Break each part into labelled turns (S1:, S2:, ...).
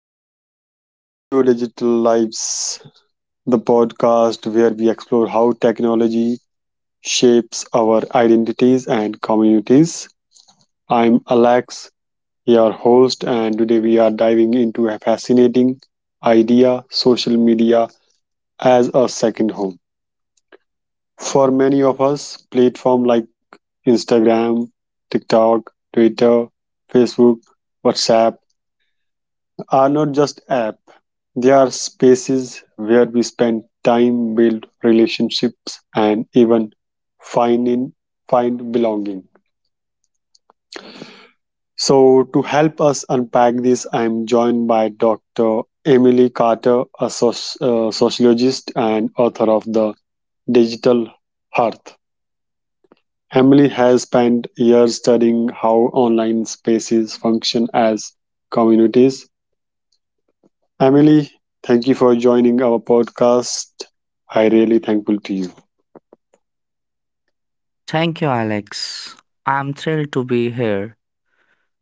S1: right, hello, welcome to Digital Lives, the podcast where we explore how technology shapes our identities and communities. I'm Alex, your host, and today we are diving into a fascinating idea, social media as a second home. For many of us, platforms like Instagram, TikTok, Twitter, Facebook, WhatsApp, are not just app, they are spaces where we spend time, build relationships, and even find in find belonging. So to help us unpack this, I am joined by Dr. Emily Carter, a sociologist and author of The Digital Hearth. Emily has spent years studying how online spaces function as communities. Emily, thank you for joining our podcast. I really thankful to you.
S2: Thank you, Alex. I'm thrilled to be here.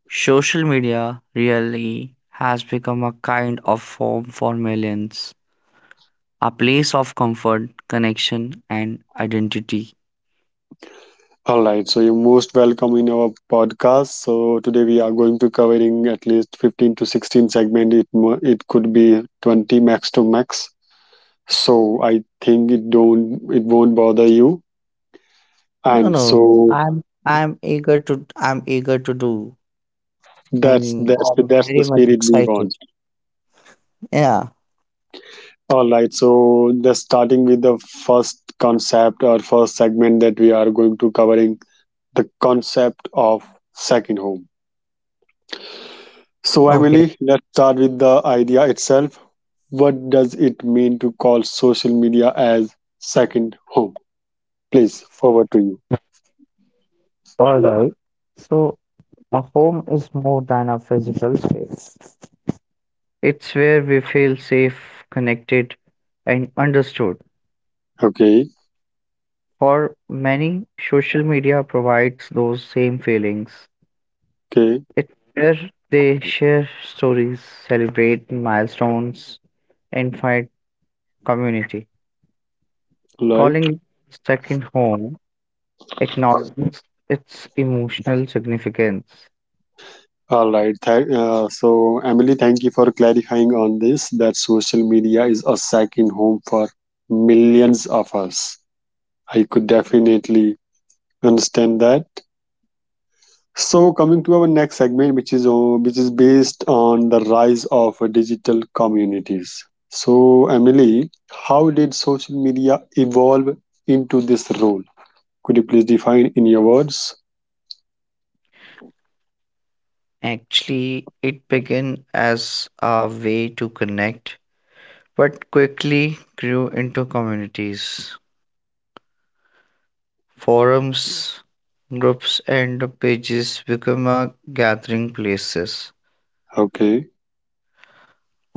S2: Social media really has become a kind of home for millions, a place of comfort, connection, and identity.
S1: All right, so you're most welcome in our podcast. So today we are going to covering at least 15 to 16 segment. It could be 20 max to max. So I think it won't bother you.
S2: No,
S1: And
S2: no.
S1: so
S2: I'm eager to I'm eager to do.
S1: that's
S2: And
S1: that's
S2: I'm
S1: that's
S2: very
S1: the
S2: much
S1: spirit we
S2: excited.
S1: want.
S2: Yeah.
S1: All right, so just starting with the first concept or first segment that we are going to covering, the concept of second home. So,
S2: Okay.
S1: Emily, let's start with the idea itself. What does it mean to call social media as second home? Please, over to you.
S2: All right. So a home is more than a physical space. It's where we feel safe, connected, and understood.
S1: Okay,
S2: For many, social media provides those same feelings.
S1: okay,
S2: It's where they share stories, celebrate milestones, and find community. Calling
S1: right.
S2: it second home acknowledges its emotional significance.
S1: All right. So, Emily, thank you for clarifying on this that social media is a second home for millions of us. I could definitely understand that. So coming to our next segment, which is based on the rise of digital communities. So Emily, how did social media evolve into this role? Could you please define in your words?
S2: Actually, it began as a way to connect, but quickly grew into communities, forums, groups, and pages become a gathering places.
S1: Okay,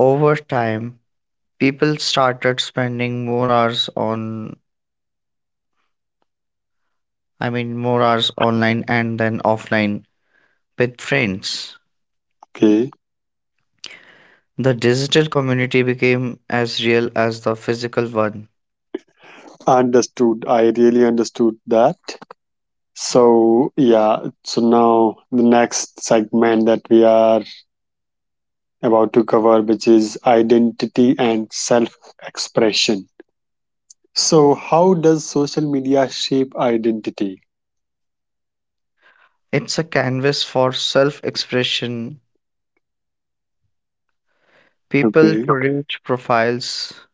S2: Over time people started spending more hours on, I mean more hours online and then offline with friends.
S1: okay,
S2: The digital community became as real as the physical one.
S1: Understood. I really understood that. So yeah, so now the next segment that we are about to cover, which is identity and self-expression. So, how does social media shape identity?
S2: It's a canvas for self expression. People
S1: Okay.
S2: create profiles,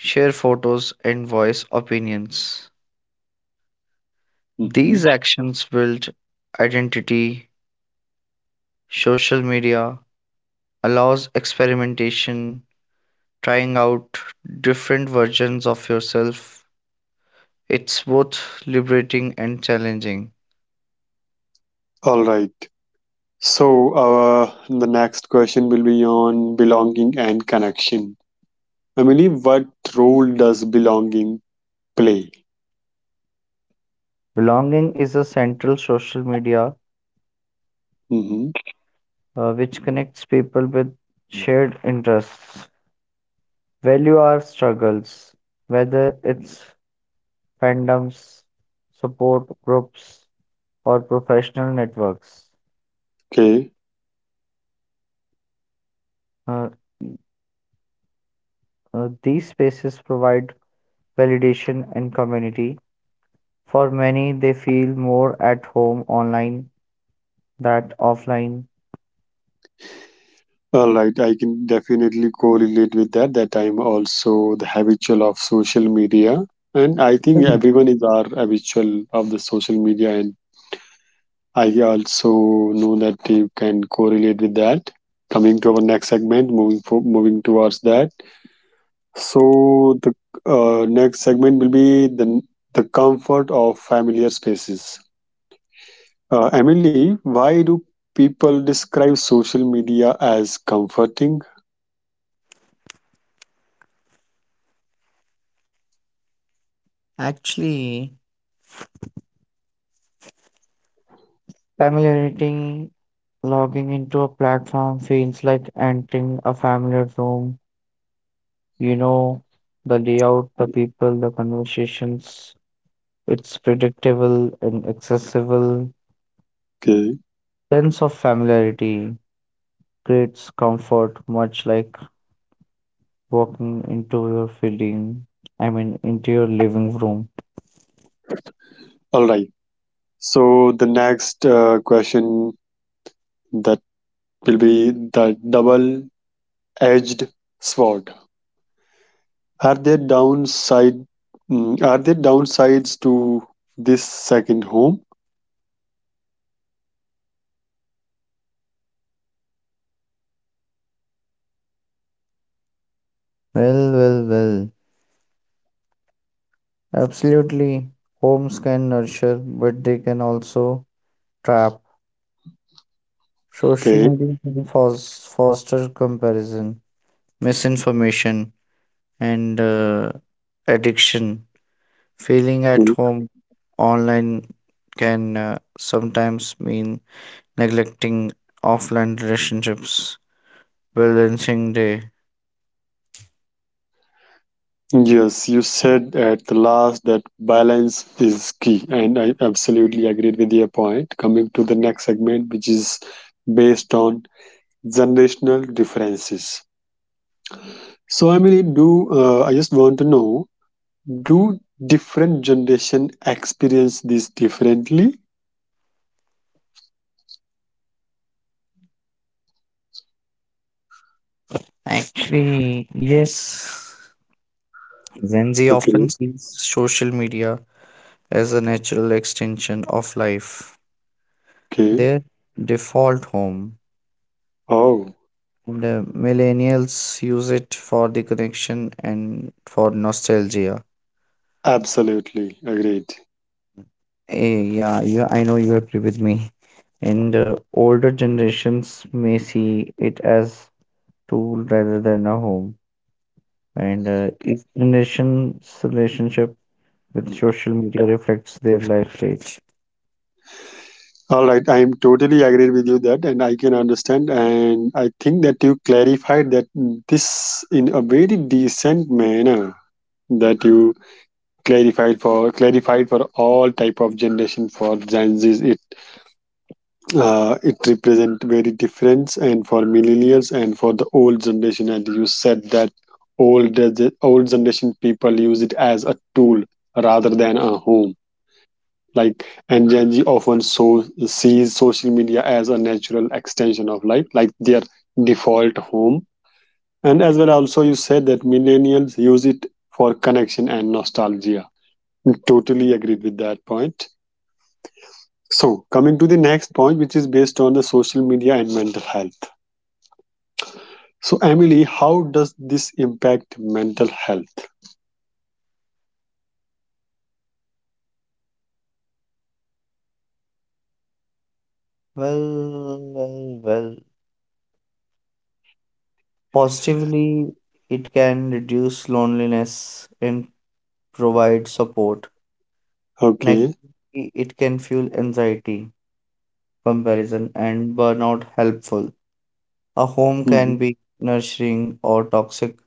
S2: share photos and voice opinions.
S1: Hmm.
S2: These actions build identity. Social media allows experimentation, trying out different versions of yourself. It's both liberating and challenging.
S1: All right. So, the next question will be on belonging and connection. Emily, what role does belonging play?
S2: Belonging is a central social media,
S1: Hmm.
S2: which connects people with shared interests. Value our struggles, whether it's fandoms, support groups, or professional networks.
S1: Okay.
S2: Uh, these spaces provide validation and community. For many, they feel more at home online than offline.
S1: All right. I can definitely correlate with that, that I'm also the habitual of social media. And I think everyone is our habitual of the social media, and I also know that you can correlate with that. Coming to our next segment, moving towards that. So the next segment will be the comfort of familiar spaces. Emily, why do people describe social media as comforting?
S2: Actually, familiarity, logging into a platform feels like entering a familiar room. You know the layout, the people, the conversations. It's predictable and accessible.
S1: Okay,
S2: Sense of familiarity creates comfort, much like walking into your feeling. Into your living room.
S1: all right. So the next question that will be the double-edged sword. Are there downside are there downsides to this second home?
S2: Well. Absolutely. Homes can nurture, but they can also trap. Social
S1: Okay.
S2: media can foster comparison, misinformation, and addiction. Feeling at
S1: Okay.
S2: home online can sometimes mean neglecting offline relationships, balancing the.
S1: Yes, you said at the last that balance is key, and I absolutely agreed with your point. Coming to the next segment, which is based on generational differences. So, I mean, do I just want to know, do different generation experience this differently?
S2: Actually, yes. Gen Z often
S1: Okay.
S2: sees social media as a natural extension of life,
S1: Okay.
S2: their default home.
S1: Oh,
S2: And millennials use it for the connection and for nostalgia.
S1: absolutely agreed.
S2: Eh, yeah, yeah, I know you agree with me. And older generations may see it as tool rather than a home. And each generation's relationship with social media reflects their life stage.
S1: All right, I am totally agreed with you that, and I can understand. And I think that you clarified that this in a very decent manner, that you clarified for all type of generation for Gen Zs. It represent very difference, and for millennials and for the old generation. And you said that old old generation people use it as a tool rather than a home, like. And Gen Z often sees social media as a natural extension of life, like their default home. And as well, also you said that millennials use it for connection and nostalgia. Totally agreed with that point. So coming to the next point, which is based on the social media and mental health. So Emily, how does this impact mental health?
S2: Well. Positively, it can reduce loneliness and provide support.
S1: Okay.
S2: Negatively, it can fuel anxiety comparison, and burnout helpful. A home can
S1: Mhm.
S2: be nurturing or toxic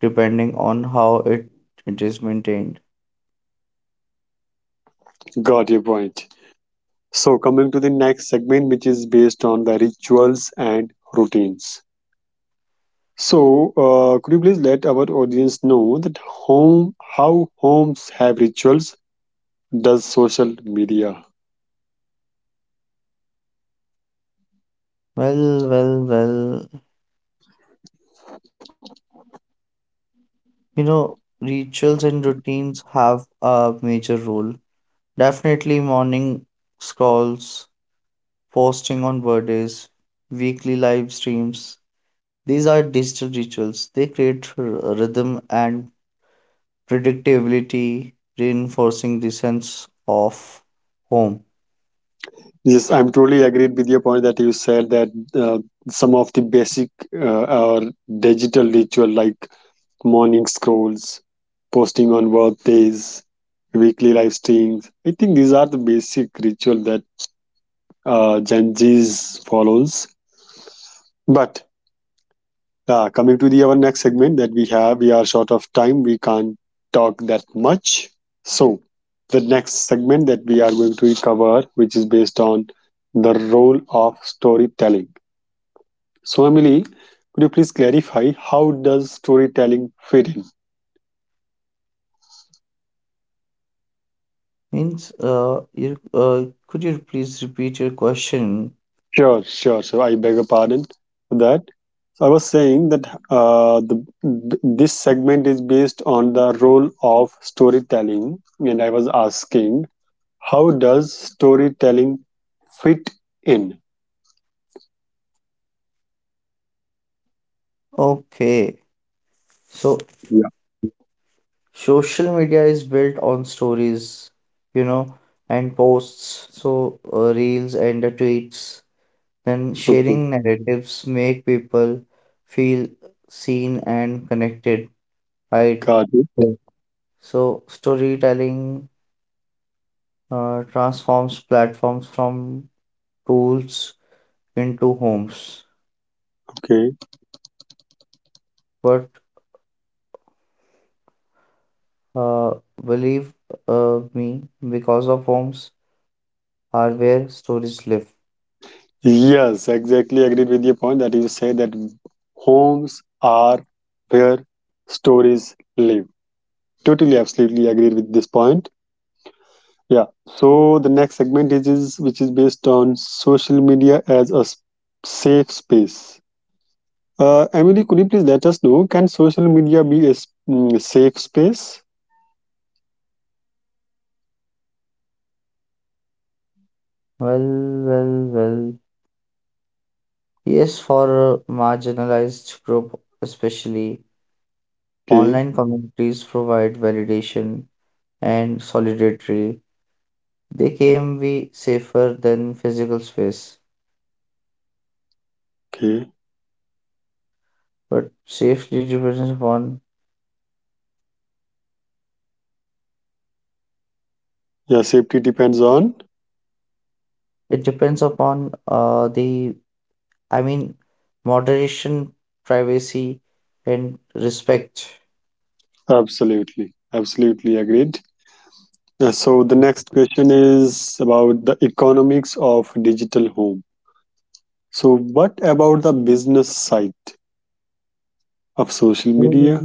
S2: depending on it is maintained.
S1: Got your point. So coming to the next segment, which is based on the rituals and routines. So, could you please let our audience know how homes have rituals? Does social media?
S2: Well. You know, rituals and routines have a major role. Definitely morning scrolls, posting on birthdays, weekly live streams. These are digital rituals. They create rhythm and predictability, reinforcing the sense of home.
S1: Yes, I'm totally agreed with your point that you said that, uh, some of the basic or digital ritual like morning scrolls, posting on birthdays, weekly live streams. I think these are the basic ritual that Gen Zs follows. But coming to the our next segment that we have, we are short of time. We can't talk that much. So, the next segment that we are going to cover, which is based on the role of storytelling. So, Emily, could you please clarify how does storytelling fit in?
S2: Means, you, could you please repeat your question?
S1: Sure, sure. So, I beg a pardon for that. So I was saying that the this segment is based on the role of storytelling, and I was asking, how does storytelling fit in?
S2: Okay. So,
S1: Yeah.
S2: social media is built on stories, you know, and posts. So, reels and the tweets. Then,
S1: Okay,
S2: sharing narratives make people feel seen and connected, right?
S1: got it.
S2: Yes. So, storytelling, transforms platforms from tools into homes.
S1: Okay.
S2: But Uh, believe me, because of homes are where stories live.
S1: Yes, exactly. Agreed with your point that you say that homes are where stories live. Totally, absolutely agreed with this point. Yeah. So the next segment is which is based on social media as a safe space. Emily, could you please let us know? Can social media be a safe space?
S2: Well, well. Yes, for a marginalized group, especially,
S1: Okay.
S2: online communities provide validation and solidarity. They can be safer than physical space,
S1: Okay.
S2: but safety depends upon
S1: Yeah. Safety depends on.
S2: it depends upon the, I mean moderation, privacy, and respect.
S1: Absolutely, absolutely agreed. So, the next question is about the economics of digital home. So, what about the business side of social media?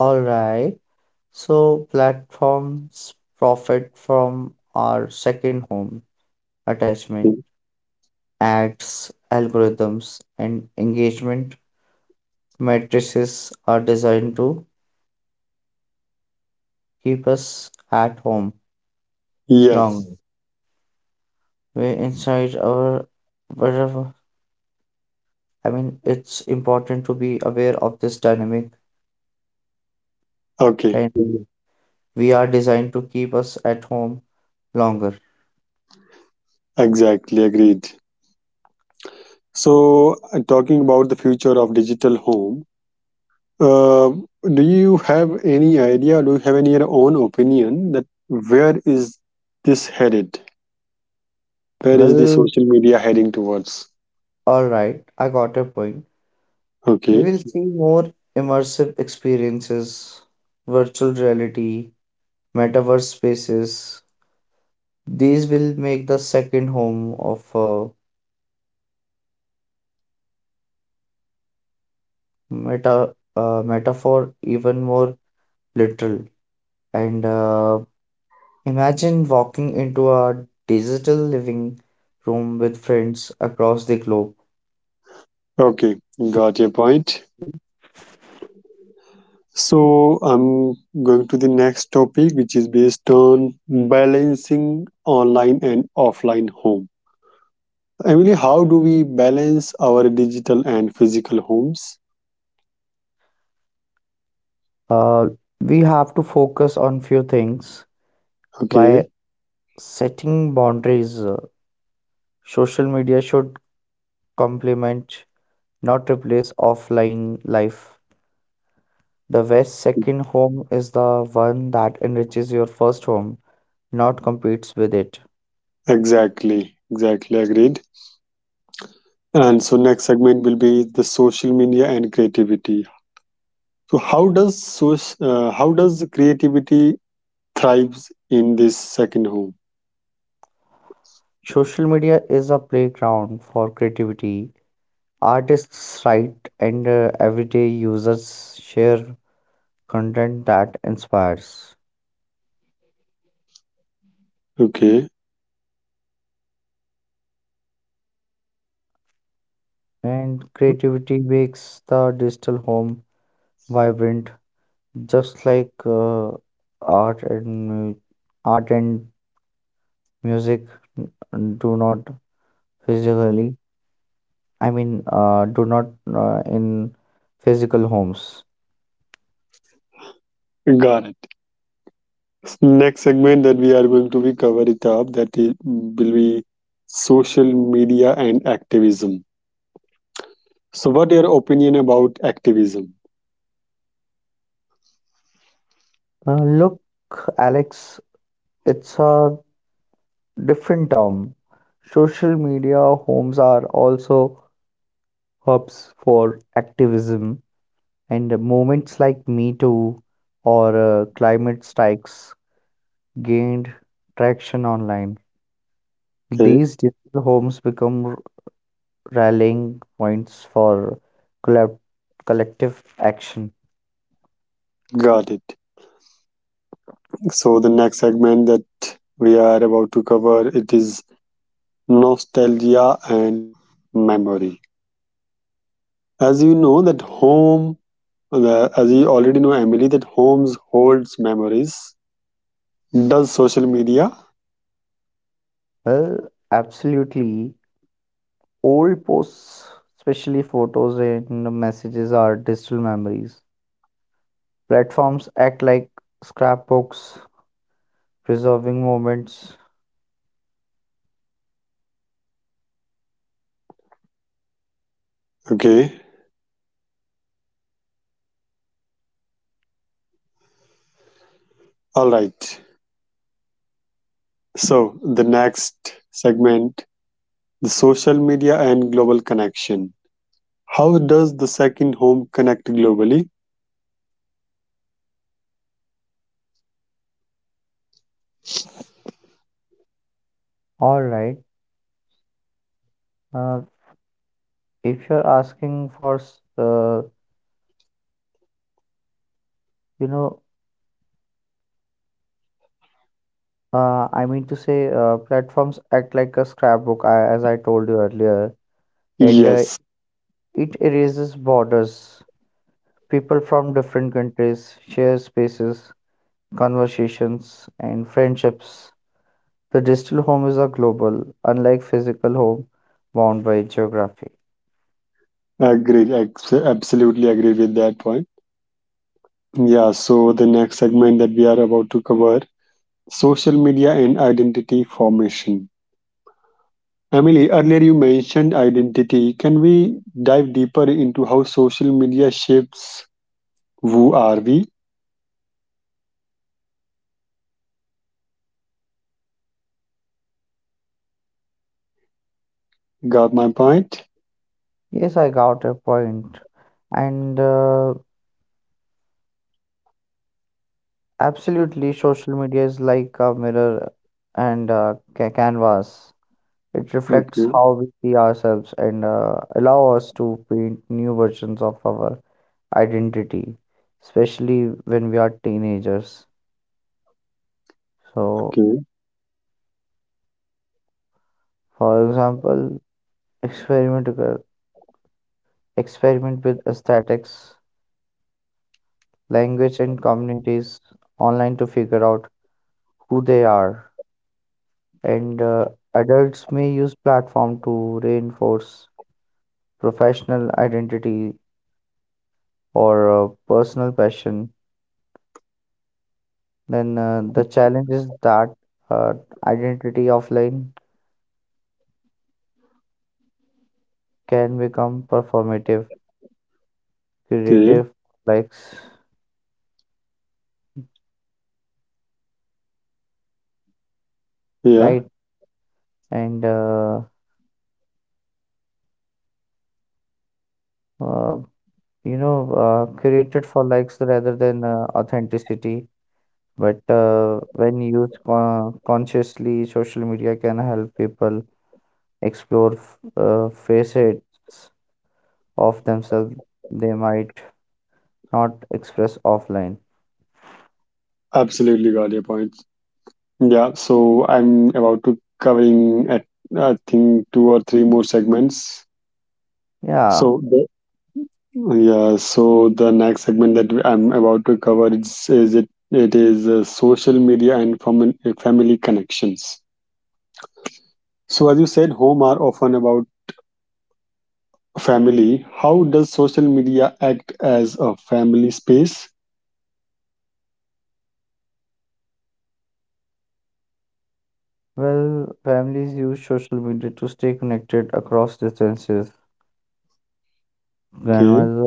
S2: All right. So platforms profit from our second home attachment, ads, algorithms, and engagement matrices are designed to keep us at home
S1: Yes,
S2: longer. We're inside our wherever. I mean, it's important to be aware of this dynamic,
S1: okay,
S2: and mhm, we are designed to keep us at home longer.
S1: exactly agreed. So, talking about the future of digital home, uh, do you have any idea, do you have any your own opinion that where is this headed? Where is the
S2: Well,
S1: social media heading towards?
S2: all right. I got your point. We
S1: Okay,
S2: will see more immersive experiences, virtual reality, metaverse spaces. These will make the second home of metaphor even more literal. And imagine walking into a digital living room with friends across the globe.
S1: okay, Got your point. So I'm going to the next topic, which is based on balancing online and offline home. Emily, how do we balance our digital and physical homes?
S2: Uh, we have to focus on few things by
S1: Okay,
S2: setting boundaries. Social media should complement not replace offline life. The best second home is the one that enriches your first home, not competes with it.
S1: exactly, exactly agreed. And so next segment will be the social media and creativity. So how does creativity thrives in this second home?
S2: Social media is a playground for creativity. Artists write, and everyday users share content that inspires.
S1: Okay,
S2: And creativity makes the digital home vibrant, just like art and mu- art and music do not physically, do not in physical homes.
S1: got it. Next segment that we are going to be cover it up that I- will be social media and activism. So what your opinion about activism?
S2: Look, Alex, it's a different term. Social media homes are also hubs for activism, and movements like Me Too or climate strikes gained traction online.
S1: Okay,
S2: These digital homes become rallying points for collab- collective action.
S1: got it. So the next segment that we are about to cover, it is nostalgia and memory. as you know that home the, as you already know Emily, that homes holds memories. Does social media?
S2: Well, absolutely. Old posts, especially photos and messages, are digital memories. Platforms act like scrapbooks, preserving moments.
S1: Okay, all right. So, the next segment, the social media and global connection. How does the second home connect globally?
S2: All right. Uh, if you're asking for, you know, platforms act like a scrapbook, I, as I told you earlier, and
S1: Yes,
S2: it erases borders. People from different countries share spaces, conversations, and friendships. The digital home is a global, unlike physical home bound by geography.
S1: Absolutely agree with that point. Yeah, so the next segment that we are about to cover, social media and identity formation. Emily, earlier you mentioned identity. Can we dive deeper into how social media shapes who are we? Got my point?
S2: Yes, I got a point. And absolutely, social media is like a mirror and a canvas. It reflects
S1: Okay,
S2: how we see ourselves and allow us to paint new versions of our identity, especially when we are teenagers. So,
S1: okay,
S2: for example, experiment uh, experiment with aesthetics language and communities online to figure out who they are, and adults may use platform to reinforce professional identity or personal passion. Then the challenge is that uh, identity offline can become performative
S1: okay.
S2: creative, like s-
S1: Yeah.
S2: right, and uh, you know created for likes rather than authenticity. But when used consciously, social media can help people explore facets of themselves they might not express offline.
S1: Absolutely got your points. Yeah, so I'm about to covering at, I think, two or three more segments.
S2: Yeah,
S1: So the, yeah, so the next segment that I'm about to cover is it it is social media and family connections. So as you said, home are often about family. How does social media act as a family space?
S2: well, families use social media to stay connected across distances.
S1: Okay,
S2: Grandmother,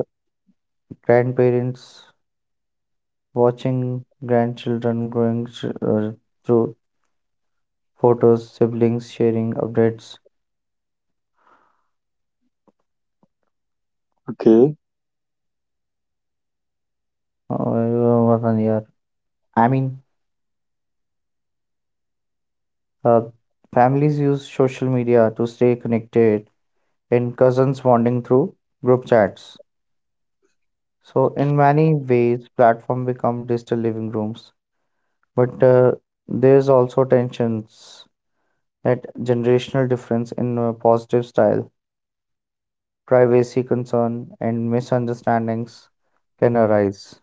S2: grandparents watching grandchildren through photos, siblings sharing updates.
S1: okay,
S2: Uh, I mean, Uh, families use social media to stay connected and cousins bonding through group chats. So in many ways, platform become digital living rooms. But there's also tensions that generational difference in positive style, privacy concern, and misunderstandings can arise.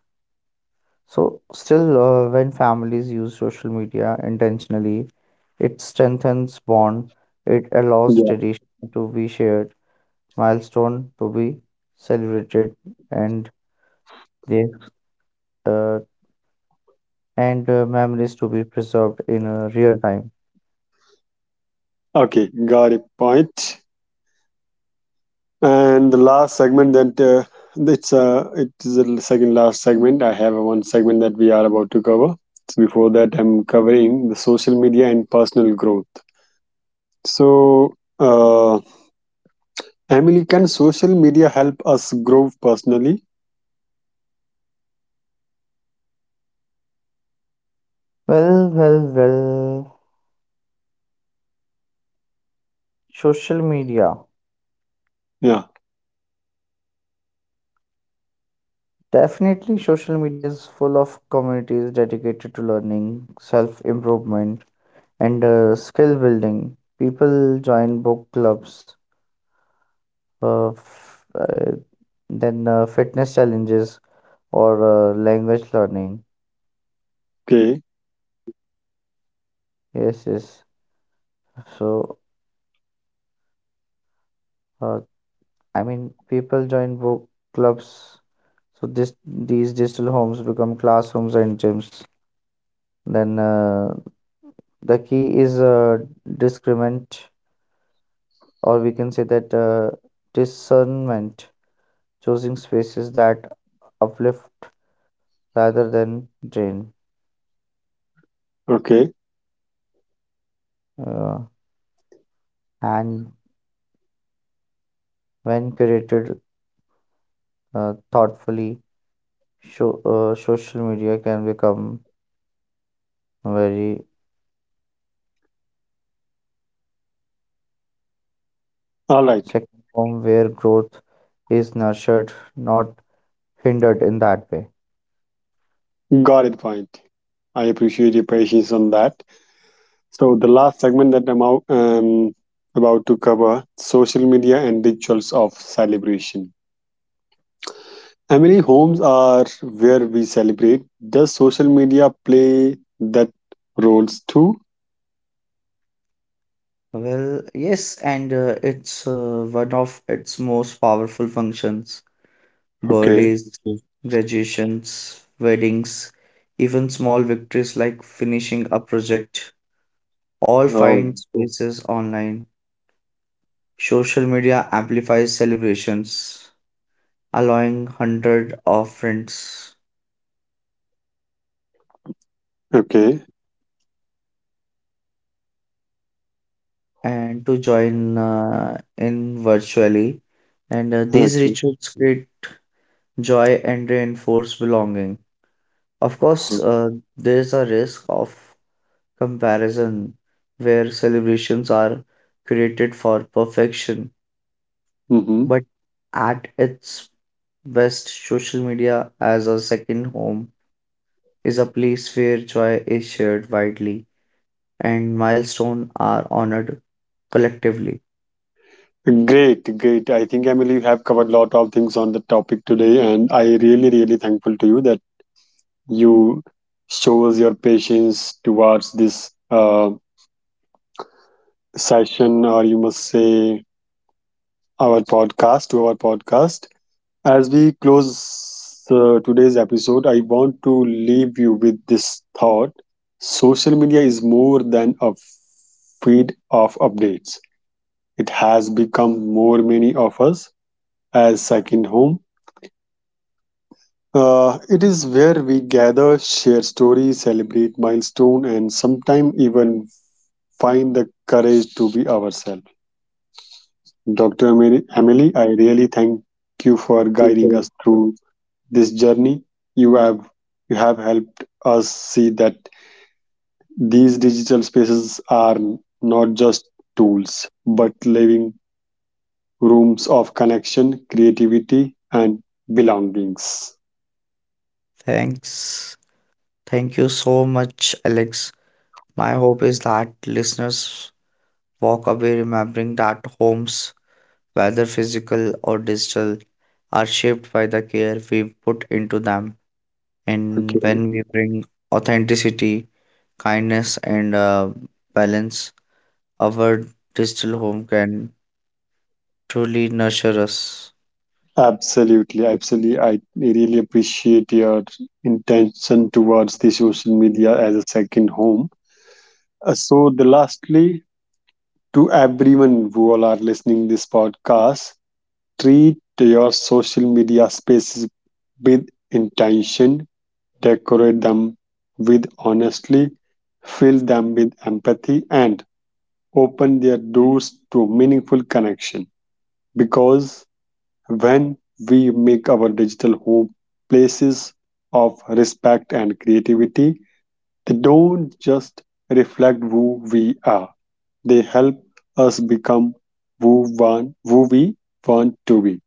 S2: So still, when families use social media intentionally, it strengthens bond. It allows
S1: Yeah.
S2: tradition to be shared, milestone to be celebrated, and the uh, and memories to be preserved in real time.
S1: Okay, got it. Point. And the last segment that it is the second last segment. I have one segment that we are about to cover. So before that, I'm covering the social media and personal growth. So, Emily, can social media help us grow personally?
S2: Well. Social media.
S1: Yeah.
S2: Definitely, social media is full of communities dedicated to learning, self improvement, and skill building. People join book clubs, f- then fitness challenges, or language learning.
S1: Okay.
S2: Yes, yes. So, uh, people join book clubs, so this these digital homes become classrooms and gyms. Then the key is discernment, or we can say that discernment, choosing spaces that uplift rather than drain,
S1: Okay.
S2: uh, and when curated thoughtfully, social media can become very
S1: All right.
S2: second home where growth is nurtured, not hindered in that way.
S1: Got it. Point. I appreciate your patience on that. So the last segment that I'm out, about to cover: social media and rituals of celebration. Emily, homes are where we celebrate. Does social media play that roles too?
S2: Well, yes, and it's one of its most powerful functions.
S1: Okay.
S2: Birthdays, graduations, weddings, even small victories like finishing a project, all
S1: Oh.
S2: find spaces online. Social media amplifies celebrations, allowing hundreds of friends
S1: Okay.
S2: and to join in virtually. And these
S1: Okay.
S2: rituals create joy and reinforce belonging. Of course, there's a risk of comparison where celebrations are created for perfection,
S1: Mm-hmm.
S2: but at its best, social media as a second home is a place where joy is shared widely and milestones are honored collectively.
S1: Great, great. I think Emily, you have covered a lot of things on the topic today, and I really, really thankful to you that you shows your patience towards this session, or you must say our podcast, to our podcast. As we close today's episode, I want to leave you with this thought. Social media is more than a feed of updates. It has become more many of us as second home. It is where we gather, share stories, celebrate milestone, and sometimes even find the courage to be ourselves. Dr. Emily, I really thank you for guiding us through this journey. you have you have helped us see that these digital spaces are not just tools but living rooms of connection, creativity, and belongings.
S2: Thanks. Thank you so much, Alex. My hope is that listeners walk away remembering that homes, whether physical or digital, are shaped by the care we put into them. And
S1: Okay,
S2: when we bring authenticity, kindness, and balance, our digital home can truly nurture us.
S1: absolutely, absolutely, I really appreciate your intention towards the social media as a second home. So the lastly, to everyone who all are listening this podcast, treat your social media spaces with intention, decorate them with honesty, fill them with empathy, and open their doors to meaningful connection. Because when we make our digital home places of respect and creativity, they don't just reflect who we are, they help us become who we want to be.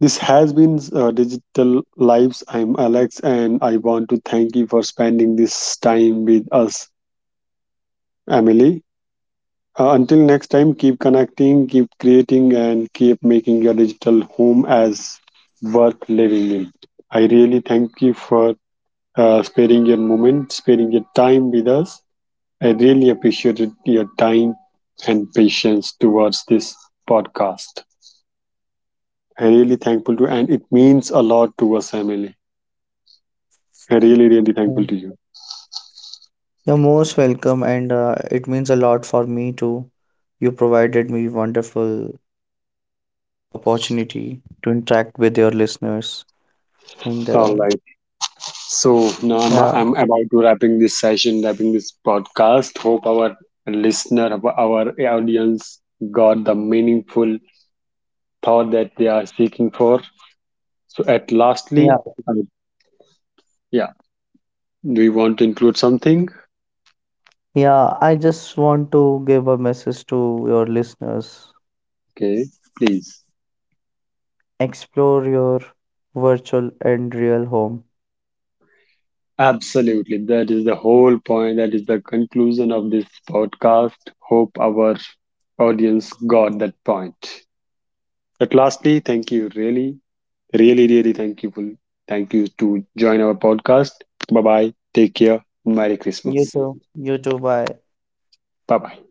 S1: This has been Digital Lives. I'm Alex, and I want to thank you for spending this time with us, Emily. Until next time, keep connecting, keep creating, and keep making your digital home as worth living in. I really thank you for sparing your moment, sparing your time with us. I really appreciated your time and patience towards this podcast. I'm really thankful to, and it means a lot to us, Emily. Really, really thankful
S2: Mm.
S1: to you.
S2: You're most welcome, and it means a lot for me too. You provided me wonderful opportunity to interact with your listeners, and
S1: All right. So now
S2: yeah,
S1: I'm about to wrapping this session, wrapping this podcast. Hope our audience got the meaningful thought that they are seeking for. So at
S2: yeah,
S1: lastly, um, yeah, do you want to include something?
S2: yeah. I just want to give a message to your listeners.
S1: Okay, please.
S2: Explore your virtual and real home.
S1: Absolutely. That is the whole point. That is the conclusion of this podcast. Hope our audience got that point. At lastly, thank you really. Really, really thankful. Thank you to join our podcast. Bye bye. Take care. Merry
S2: You
S1: Christmas.
S2: too. You too. Bye.
S1: Bye bye.